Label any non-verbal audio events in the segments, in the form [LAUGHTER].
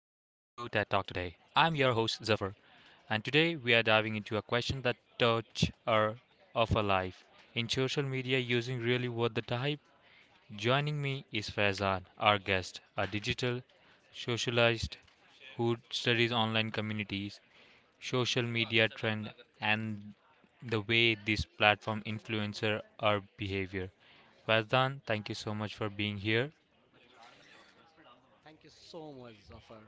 today. I'm your host Zafar, and today we are diving into a question that touch our of our life in social media using really what the type. Joining me is Faizan, our guest, a digital socialist who studies online communities, social media trend, and the way this platform influencer our behavior. Faizan, thank you so much for being here. Thank you so much, Zafar,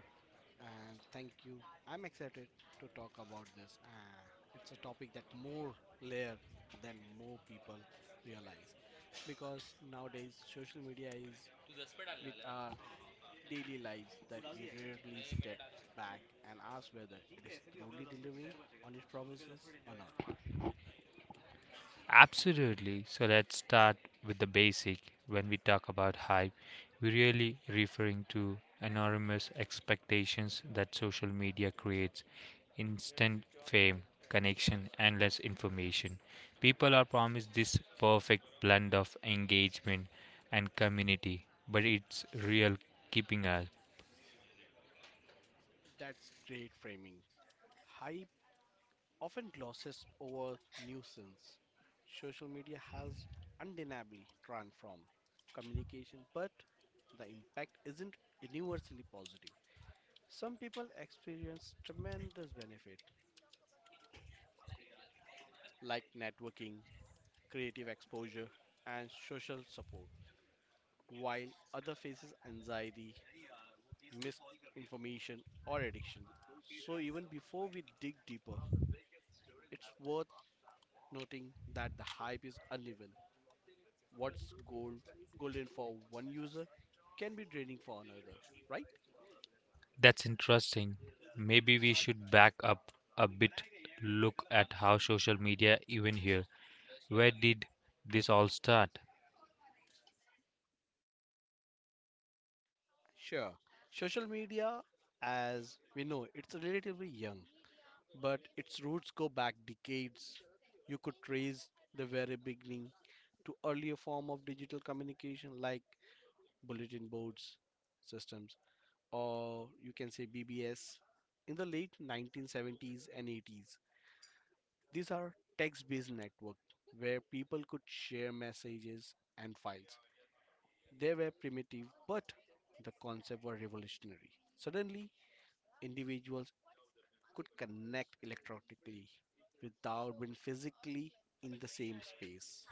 and thank you. I'm excited to talk about this. It's a topic that more layered than more people realize because nowadays social media is with our daily lives that we rarely step back and ask whether it is truly delivering on its promises or not. Absolutely. So let's start with the basic. When we talk about hype, we're really referring to enormous expectations that social media creates instant fame, connection, and less information. People are promised this perfect blend of engagement and community, but it's real keeping us. That's great framing. High often glosses over nuisance. Social media has undeniably transformed communication, but the impact isn't universally positive. Some people experience tremendous benefit, like networking, creative exposure, and social support, while other faces anxiety, misinformation, or addiction. So even before we dig deeper, it's worth noting that the hype is uneven what's golden for one user can be draining for another, right? That's interesting. Maybe we should back up a bit, look at how social media even here. Where did this all start? Sure. Social media, as we know, it's relatively young, but its roots go back decades. You could trace the very beginning to earlier form of digital communication like bulletin boards systems or you can say BBS in the late 1970s and 80s. These are text based networks where people could share messages and files. They were primitive, but the concept was revolutionary. Suddenly, individuals could connect electronically without being physically in the same space.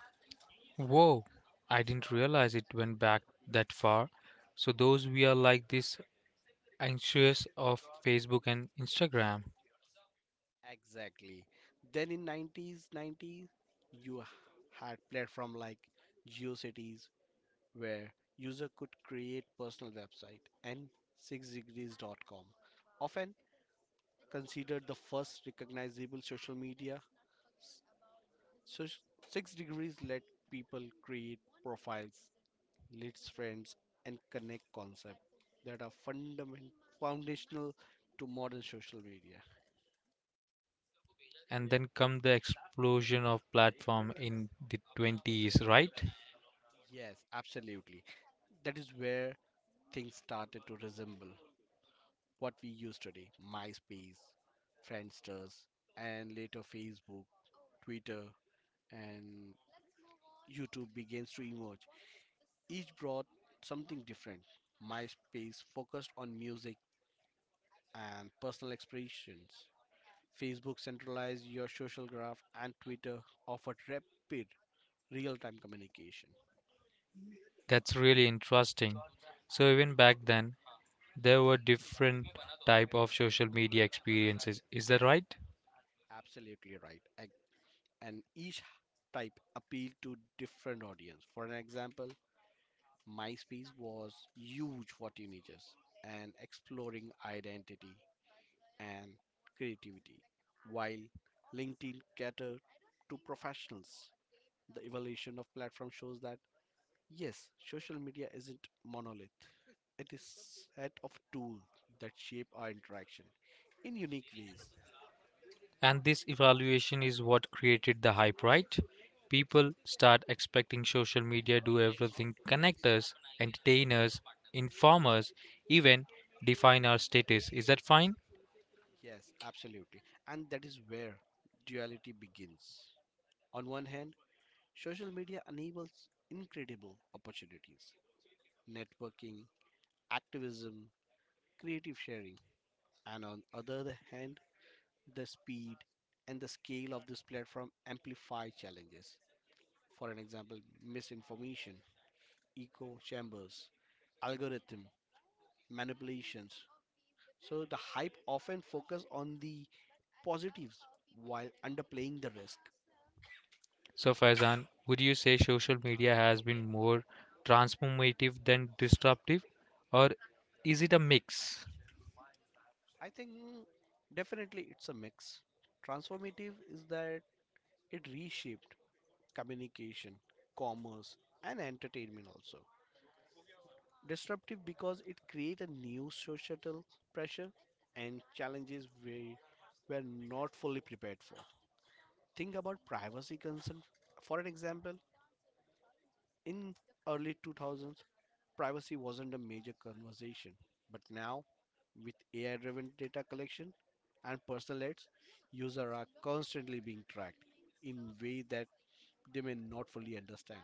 Whoa, I didn't realize it went back that far. So, those we are like this anxious of Facebook and Instagram. Exactly. Then in 90s, you had platform like GeoCities where user could create personal website and 6degrees.com. Often considered the first recognizable social media. S- So, Six Degrees let people create profiles, list friends, and connect concepts that are fundamental, foundational to modern social media. And then come the explosion of platform in the 20s, right? Yes, absolutely. That is where things started to resemble what we use today MySpace, Friendsters, and later Facebook, Twitter, and YouTube begins to emerge. Each brought something different. MySpace focused on music and personal expressions. Facebook centralized your social graph, and Twitter offered rapid real time communication. That's really interesting. So even back then, there were different type of social media experiences. Is that right? Absolutely right. And each type appealed to different audience. For an example, MySpace was huge for teenagers and exploring identity and creativity, while LinkedIn catered to professionals. The evolution of platform shows that yes, social media isn't monolith. It is set of tools that shape our interaction in unique ways. And this evaluation is what created the hype, right? People start expecting social media do everything connect us, entertain us, inform us, even define our status. Is that fine? Yes, absolutely. And that is where duality begins. On one hand, social media enables incredible opportunities, networking, activism, creative sharing, and on other hand, the speed and the scale of this platform amplify challenges. For an example, misinformation, echo chambers, algorithm manipulations. So the hype often focus on the positives while underplaying the risk. So Faizan, would you say social media has been more transformative than disruptive? Or is it a mix? I think definitely it's a mix. Transformative is that it reshaped communication, commerce, and entertainment also. Disruptive because it creates a new societal pressure and challenges we were not fully prepared for. Think about privacy concern. For an example, in early 2000s, privacy wasn't a major conversation, but now with AI-driven data collection and personal ads, users are constantly being tracked in ways that they may not fully understand.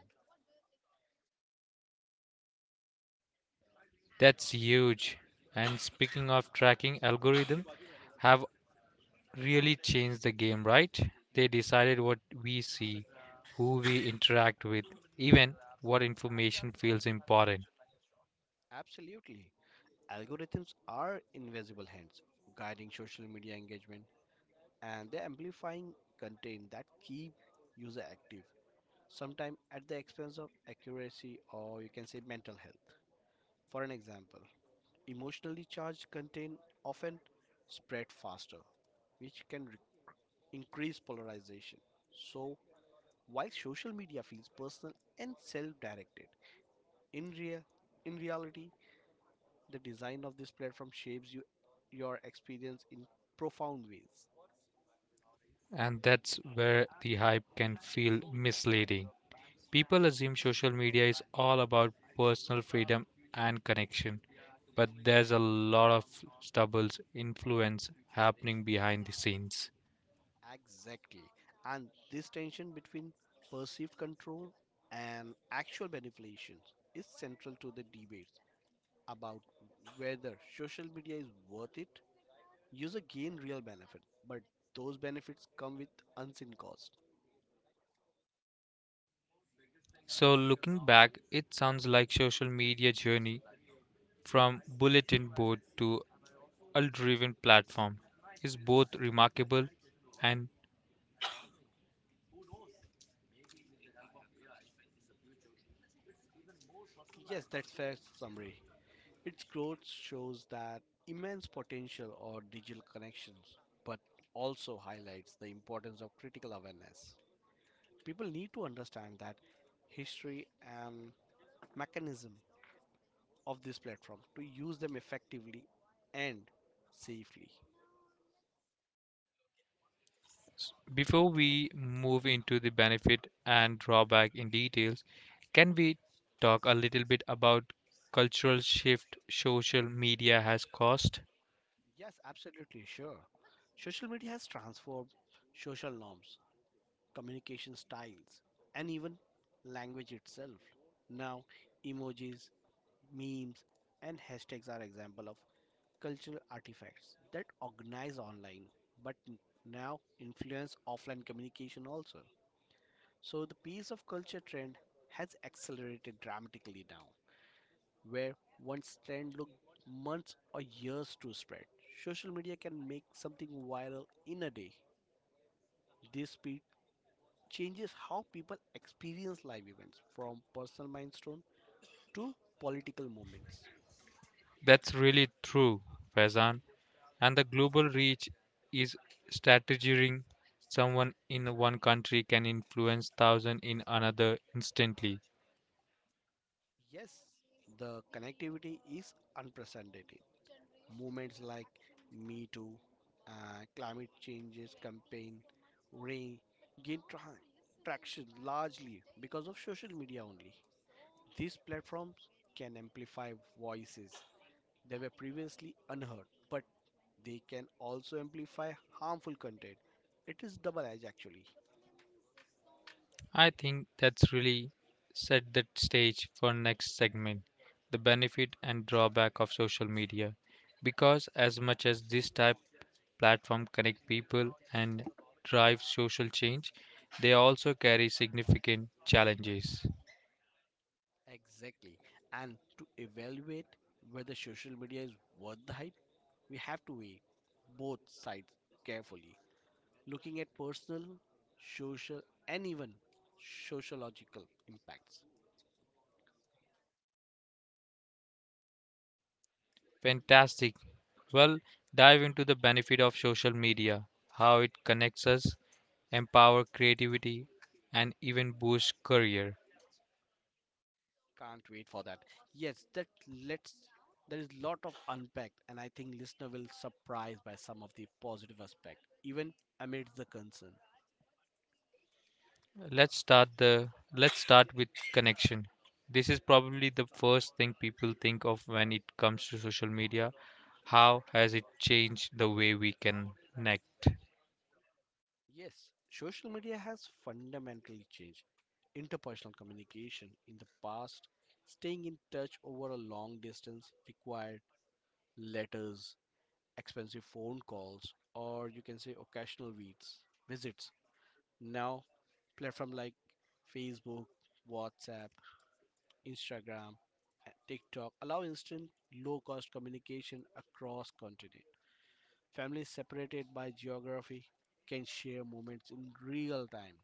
That's huge. And speaking of tracking algorithm, have really changed the game, right? They decided what we see, who we interact with, even what information feels important. Absolutely. Algorithms are invisible hands guiding social media engagement and they're amplifying content that keep user active, sometimes at the expense of accuracy or you can say mental health. For an example, emotionally charged content often spread faster, which can increase polarization. So, while social media feels personal and self-directed, in real in reality, the design of this platform shapes you your experience in profound ways. And that's where the hype can feel misleading. People assume social media is all about personal freedom and connection, but there's a lot of stubble's influence happening behind the scenes. Exactly. And this tension between perceived control and actual manipulation is central to the debates about whether social media is worth it. User gain real benefit, but those benefits come with unseen cost. So looking back, it sounds like social media journey from bulletin board to driven platform is both remarkable and Yes, that's fair summary. Its growth shows that immense potential or digital connections, but also highlights the importance of critical awareness. People need to understand that history and mechanism of this platform to use them effectively and safely. before we move into the benefit and drawback in details, can we talk a little bit about cultural shift social media has caused? Yes, absolutely sure. Social media has transformed social norms, communication styles, and even language itself. Now, emojis, memes, and hashtags are example of cultural artifacts that organize online but now influence offline communication also. So the piece of culture trend has accelerated dramatically now, where once trend looked months or years to spread. Social media can make something viral in a day. This speed changes how people experience live events from personal milestone to political movements. That's really true, Faizan. And the global reach is strategizing someone in one country can influence thousands in another instantly. Yes, the connectivity is unprecedented. Movements like Me Too, climate changes campaign, Ray gain traction largely because of social media only. These platforms can amplify voices that were previously unheard, but they can also amplify harmful content. It is double edged actually. I think that's really set the stage for next segment, the benefit and drawback of social media. Because as much as this type platform connect people and drive social change, they also carry significant challenges. Exactly. And to evaluate whether social media is worth the hype, we have to weigh both sides carefully, looking at personal, social, and even sociological impacts. Fantastic. Well, dive into the benefit of social media, how it connects us, empower creativity and even boost career. Can't wait for that. Yes, that let's there is lot of unpacked and I think listener will surprised by some of the positive aspect, even amidst the concern. Let's start the let's start with connection. This is probably the first thing people think of when it comes to social media. How has it changed the way we connect? Yes, social media has fundamentally changed interpersonal communication. In the past, staying in touch over a long distance required letters, expensive phone calls, or you can say occasional visits. Visits. Now, platforms like Facebook, WhatsApp, Instagram, and TikTok allow instant, low-cost communication across continent. Families separated by geography can share moments in real time.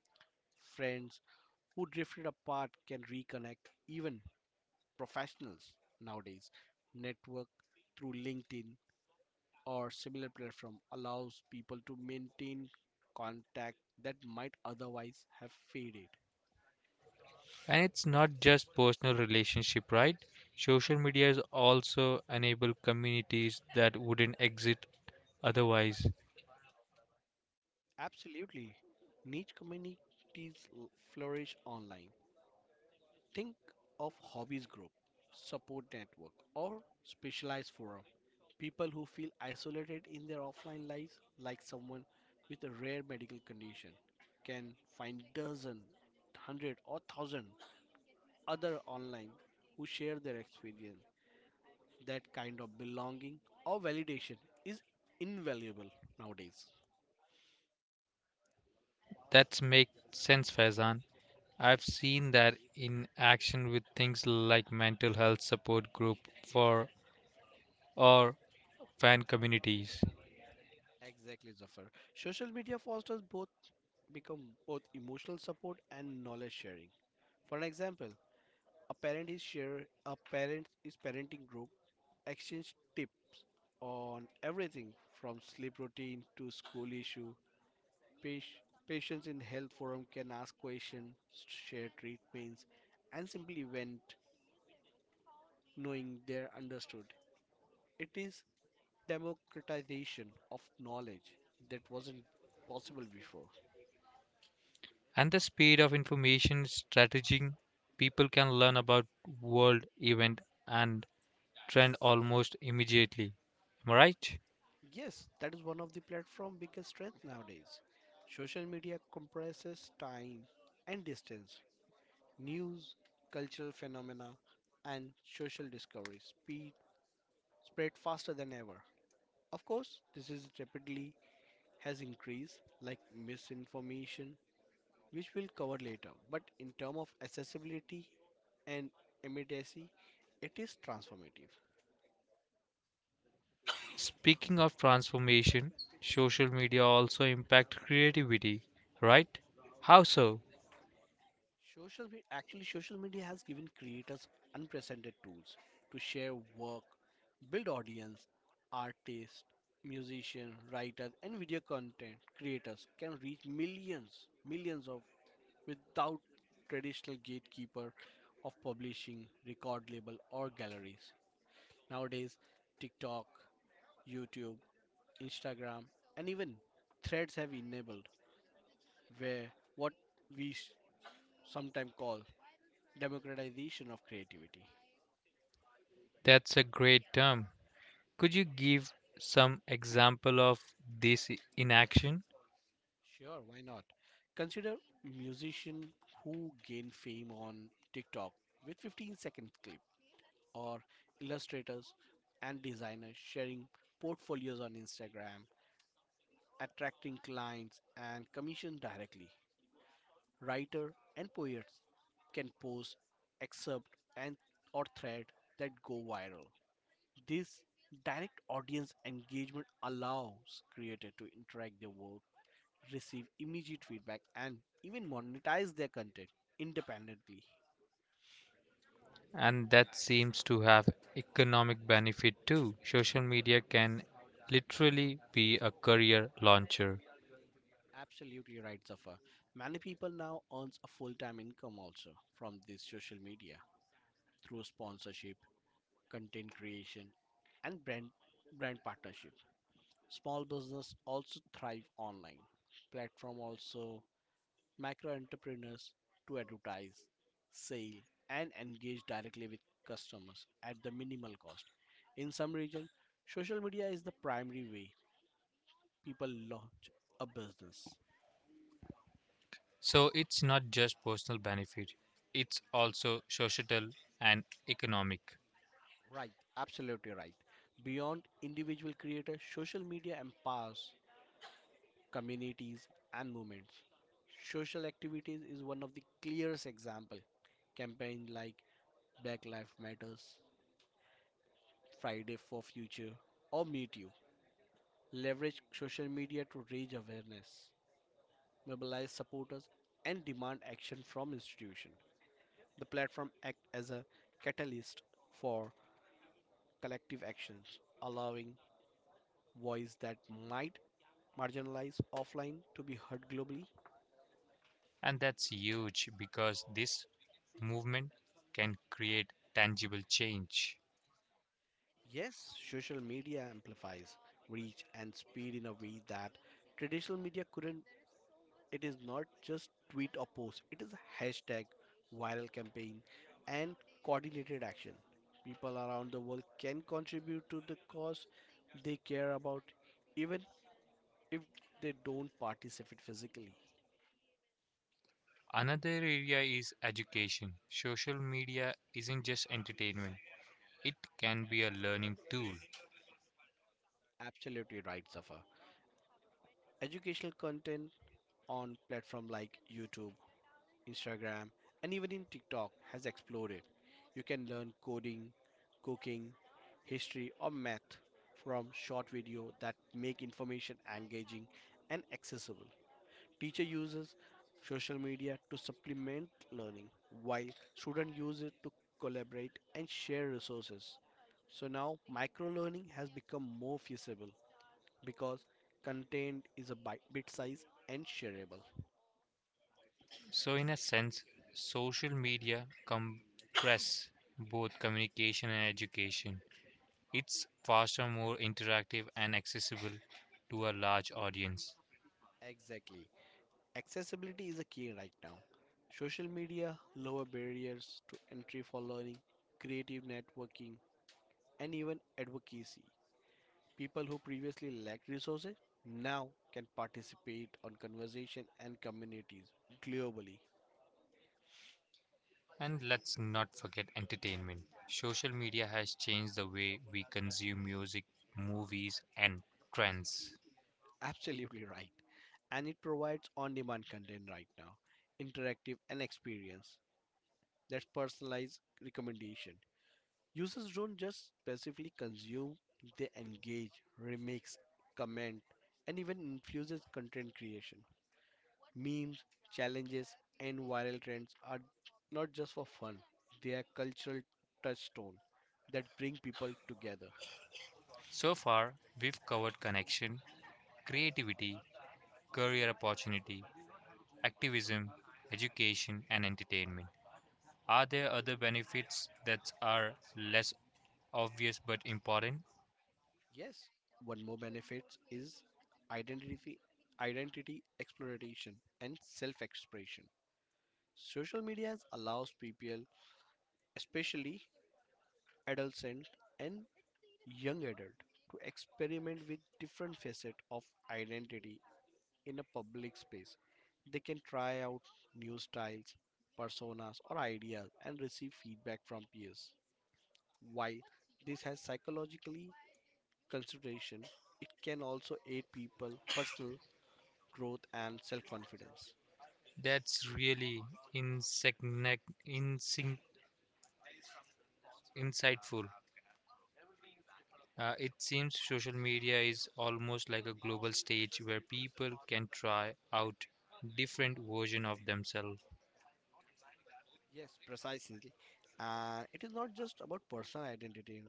Friends who drifted apart can reconnect, even professionals nowadays. Network through LinkedIn or similar platform allows people to maintain contact that might otherwise have faded. And it's not just personal relationship, right? Social media is also enable communities that wouldn't exist otherwise. Absolutely. Niche communities flourish online. Think of hobbies group, support network, or specialized forum. People who feel isolated in their offline lives, like someone with a rare medical condition, can find dozen, hundred, or thousand other online who share their experience. That kind of belonging or validation is invaluable nowadays. That's make sense, Faizan. I've seen that in action with things like mental health support group for or fan communities. Exactly, Zafar. Social media fosters become both emotional support and knowledge sharing. For an example, A parent is share a parenting group exchange tips on everything from sleep routine to school issue. Pati- Patients in health forum can ask questions, share treatments, and simply vent, knowing they're understood. It is democratization of knowledge that wasn't possible before. And the speed of information strategy people can learn about world event and trend almost immediately, am I right? Yes, that is one of the platform biggest strength nowadays. Social media compresses time and distance, news, cultural phenomena, and social discovery speed spread faster than ever. Of course, this is rapidly has increased like misinformation, which we'll cover later. But in terms of accessibility and immediacy, it is transformative. Speaking of transformation, social media also impact creativity, right? How so? Actually, social media has given creators unprecedented tools to share work, build audience, artists, musicians, writers and video content creators can reach millions of without traditional gatekeeper of publishing, record label or galleries. Nowadays, TikTok, YouTube, Instagram, and even threads have enabled where what we sometimes call democratization of creativity. That's a great term. Could you give some example of this in action? Sure, why not? Consider musician who gain fame on TikTok with 15-second clip or illustrators and designers sharing portfolios on Instagram, attracting clients and commission directly. Writer and poets can post excerpt and or thread that go viral. This direct audience engagement allows creator to interact their work receive immediate feedback, and even monetize their content independently. And that seems to have economic benefit too. Social media can literally be a career launcher. Absolutely right, Zafar. Many people now earns a full-time income also from this social media through sponsorship, content creation, and brand partnership. Small business also thrive online. Platform also micro entrepreneurs to advertise, sell, and engage directly with customers at the minimal cost. In some regions, social media is the primary way people launch a business. So it's not just personal benefit, it's also societal and economic. Right, absolutely right. Beyond individual creators, social media empowers communities and movements. Social activities is one of the clearest example. Campaigns like Black Lives Matters, Friday for Future, or Meet You leverage social media to raise awareness, mobilize supporters, and demand action from institutions. The platform acts as a catalyst for collective actions, allowing voice that might marginalize offline to be heard globally. And that's huge because this movement can create tangible change. Yes, social media amplifies reach and speed in a way that traditional media couldn't. It is not just tweet or post, it is a hashtag viral campaign and coordinated action. People around the world can contribute to the cause they care about even if they don't participate physically. Another area is education. Social media isn't just entertainment, it can be a learning tool. Absolutely right, Safa. Educational content on platform like YouTube, Instagram, and even in TikTok has exploded. You can learn coding, cooking, history, or math from short video that make information engaging and accessible. Teacher uses social media to supplement learning, while student use it to collaborate and share resources. So now micro learning has become more feasible because content is a bit size and shareable. So, in a sense, social media compress both communication and education. It's faster, more interactive, and accessible to a large audience. Exactly. Accessibility is a key right now. Social media lower barriers to entry for learning, creative networking, and even advocacy. People who previously lacked resources now can participate on conversation and communities globally. And let's not forget entertainment. Social media has changed the way we consume music, movies, and trends. [LAUGHS] Absolutely right. And it provides on-demand content right now, interactive and experience. That's personalized recommendation. Users don't just passively consume, they engage, remix, comment, and even influences content creation. Memes, challenges, and viral trends are not just for fun, they are cultural touchstone that bring people together. So far, we've covered connection, creativity, career opportunity, activism, education, and entertainment. Are there other benefits that are less obvious but important? Yes, one more benefit is identity identity exploration and self-expression. Social media allows people, especially adolescents and young adult to experiment with different facets of identity in a public space. They can try out new styles, personas, or ideas and receive feedback from peers. While this has psychologically consideration, it can also aid people personal growth and self-confidence. That's really insectic. Insightful. It seems social media is almost like a global stage where people can try out different version of themselves. Yes, precisely. And it is not just about personal identity.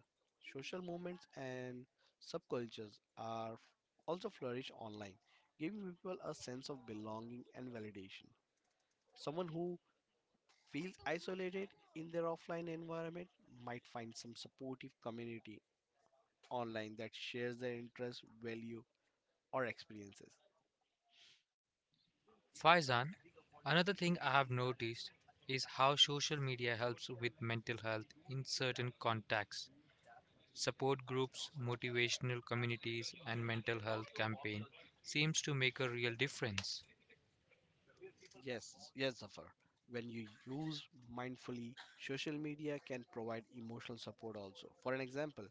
Social movements and subcultures also flourish online, giving people a sense of belonging and validation. Someone who feels isolated in their offline environment might find some supportive community online that shares their interests, value, or experiences. Faizan, another thing I have noticed is how social media helps with mental health in certain contexts. Support groups, motivational communities, and mental health campaign seems to make a real difference. Yes, yes, Zafar. When you use mindfully, social media can provide emotional support also. For an example,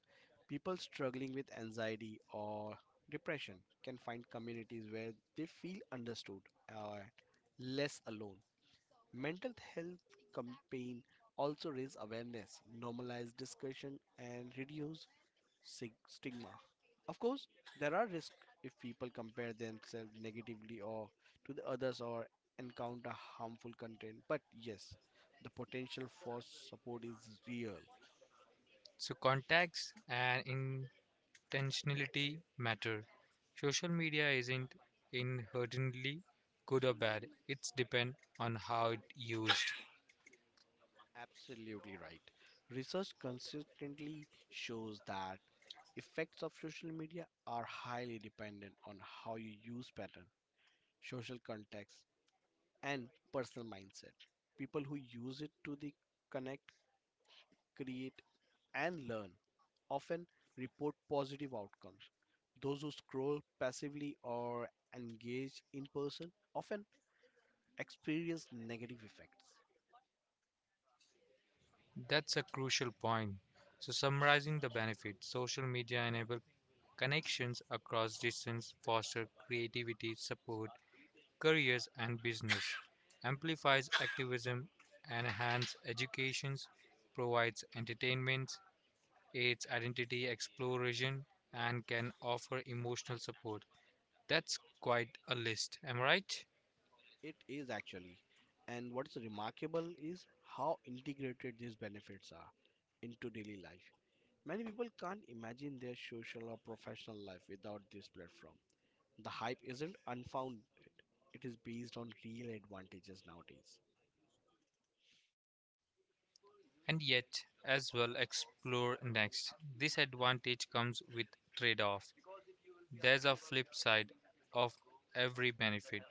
people struggling with anxiety or depression can find communities where they feel understood or less alone. Mental health campaign also raise awareness, normalize discussion, and reduce stigma. Of course, there are risks if people compare themselves negatively or to the others or encounter harmful content. But yes, the potential for support is real. So contacts and in intentionality matter. Social media isn't inherently good or bad. It's depend on how it used. Absolutely right. Research consistently shows that effects of social media are highly dependent on how you use pattern, social context, and personal mindset. People who use it to the connect create, and learn often report positive outcomes. Those who scroll passively or engage in person often experience negative effects. That's a crucial point. So summarizing the benefits, social media enable connections across distance, foster creativity, support careers and business, amplifies activism, enhance educations, provides entertainment, aids identity exploration, and can offer emotional support. That's quite a list, am I right? It is actually, and what's remarkable is how integrated these benefits are into daily life. Many people can't imagine their social or professional life without this platform. The hype isn't unfounded, it is based on real advantages nowadays. And yet, as well explore next. This advantage comes with trade off. There's a flip side of every benefit,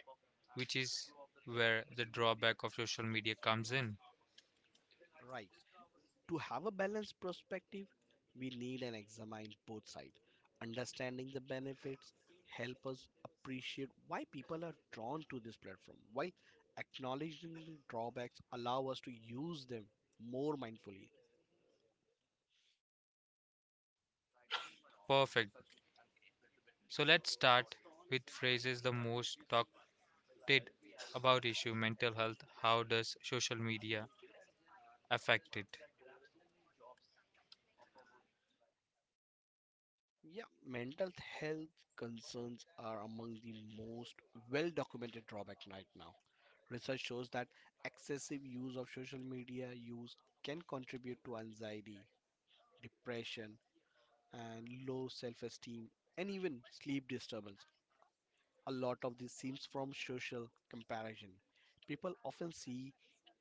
which is where the drawback of social media comes in. Right. To have a balanced perspective, we need and examine both sides. Understanding the benefits help us appreciate why people are drawn to this platform, while acknowledging the drawbacks allow us to use them more mindfully. Perfect. So let's start with phrases the most talked about issue mental health. How does social media affect it? Yeah, mental health concerns are among the most well documented drawbacks right now. Research shows that excessive use of social media use can contribute to anxiety, depression, and low self esteem, and even sleep disturbance. A lot of this seems from social comparison. People often see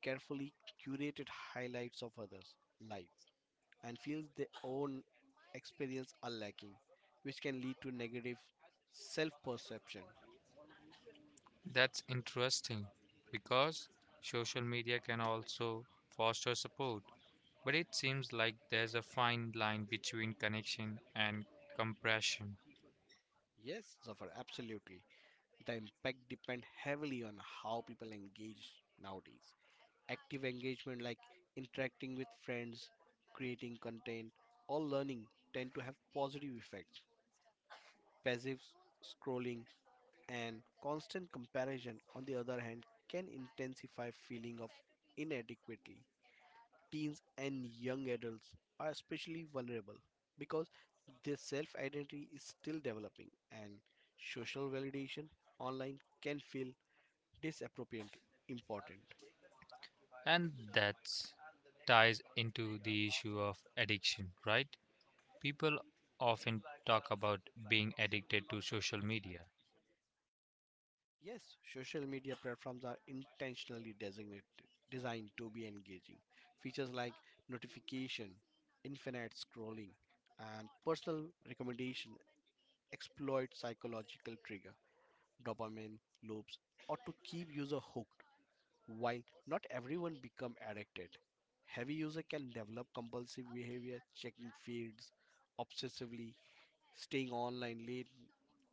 carefully curated highlights of others' lives and feel their own experience are lacking, which can lead to negative self perception. That's interesting because social media can also foster support, but it seems like there's a fine line between connection and compression. Yes, Zafar, absolutely. The impact depend heavily on how people engage nowadays. Active engagement like interacting with friends, creating content, or learning tend to have positive effects. Passive scrolling and constant comparison on the other hand can intensify feeling of inadequacy. Teens and young adults are especially vulnerable because their self identity is still developing and social validation online can feel disappropriate important. And that ties into the issue of addiction, right? People often talk about being addicted to social media. Yes, social media platforms are intentionally designed to be engaging. Features like notification, infinite scrolling, and personal recommendation exploit psychological trigger, dopamine loops, or to keep user hooked. While not everyone become addicted, heavy user can develop compulsive behavior, checking feeds obsessively, staying online late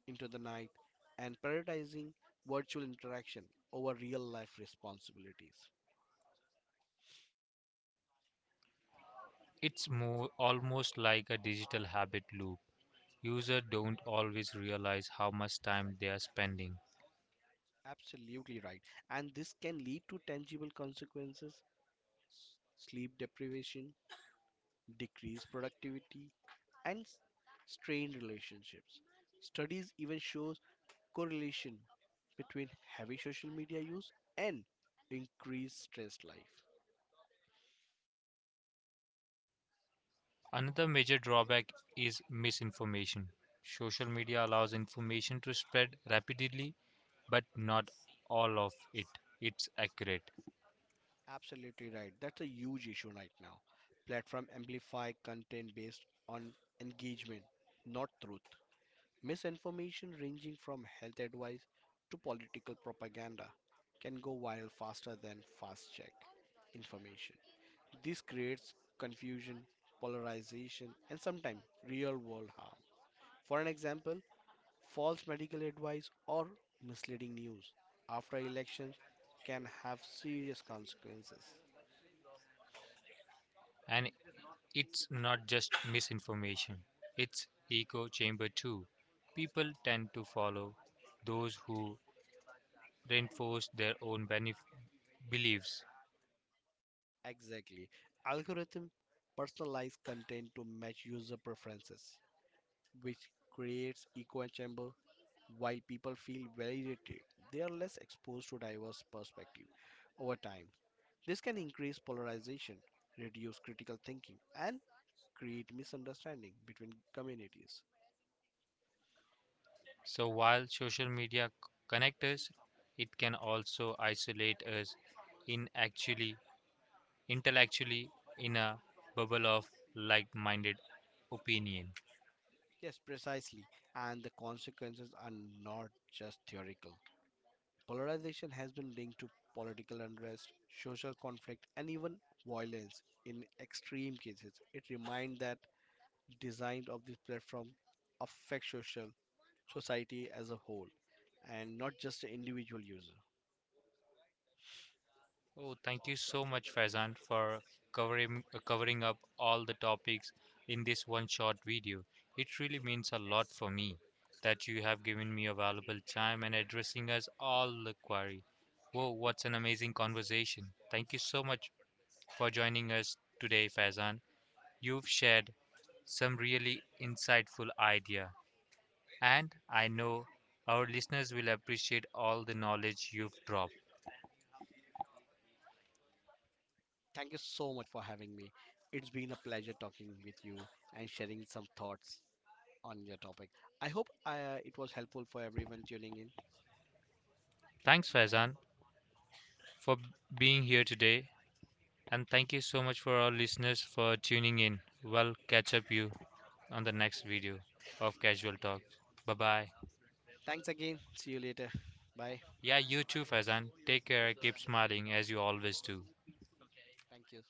into the night and prioritizing virtual interaction over real life responsibilities. It's more almost like a digital habit loop. Users don't always realize how much time they are spending. Absolutely right. And this can lead to tangible consequences sleep deprivation, decreased productivity, and strained relationships. Studies even shows correlation between heavy social media use and increased stress life. Another major drawback is misinformation. Social media allows information to spread rapidly, but not all of it. It's accurate. Absolutely right. That's a huge issue right now. Platform amplify content based on engagement, not truth. Misinformation ranging from health advice to political propaganda can go viral faster than fast check information. This creates confusion, polarization, and sometimes real world harm. For an example, false medical advice or misleading news after elections can have serious consequences. And it's not just misinformation, it's echo chamber too. People tend to follow those who reinforce their own beliefs. Exactly. Algorithm personalize content to match user preferences, which creates echo chamber while people feel validated. They are less exposed to diverse perspective over time. This can increase polarization, reduce critical thinking, and create misunderstanding between communities. So while social media connect us, it can also isolate us in actually intellectually in a bubble of like minded opinion. Yes, precisely. And the consequences are not just theoretical. Polarization has been linked to political unrest, social conflict, and even violence in extreme cases. It reminds that design of this platform affects social society as a whole and not just the individual user. Oh, thank you so much, Faizan, for covering up all the topics in this one short video. It really means a lot for me that you have given me a valuable time and addressing us all the query. Whoa, what's an amazing conversation. Thank you so much for joining us today, Faizan. You've shared some really insightful idea and I know our listeners will appreciate all the knowledge you've dropped. Thank you so much for having me. It's been a pleasure talking with you and sharing some thoughts on your topic. I hope it was helpful for everyone tuning in. Thanks, Faizan, for being here today, and thank you so much for our listeners for tuning in. We'll catch up you on the next video of Casual Talk. Bye bye. Thanks again. See you later. Bye. Yeah, you too, Faizan. Take care. Keep smiling as you always do. Thank you.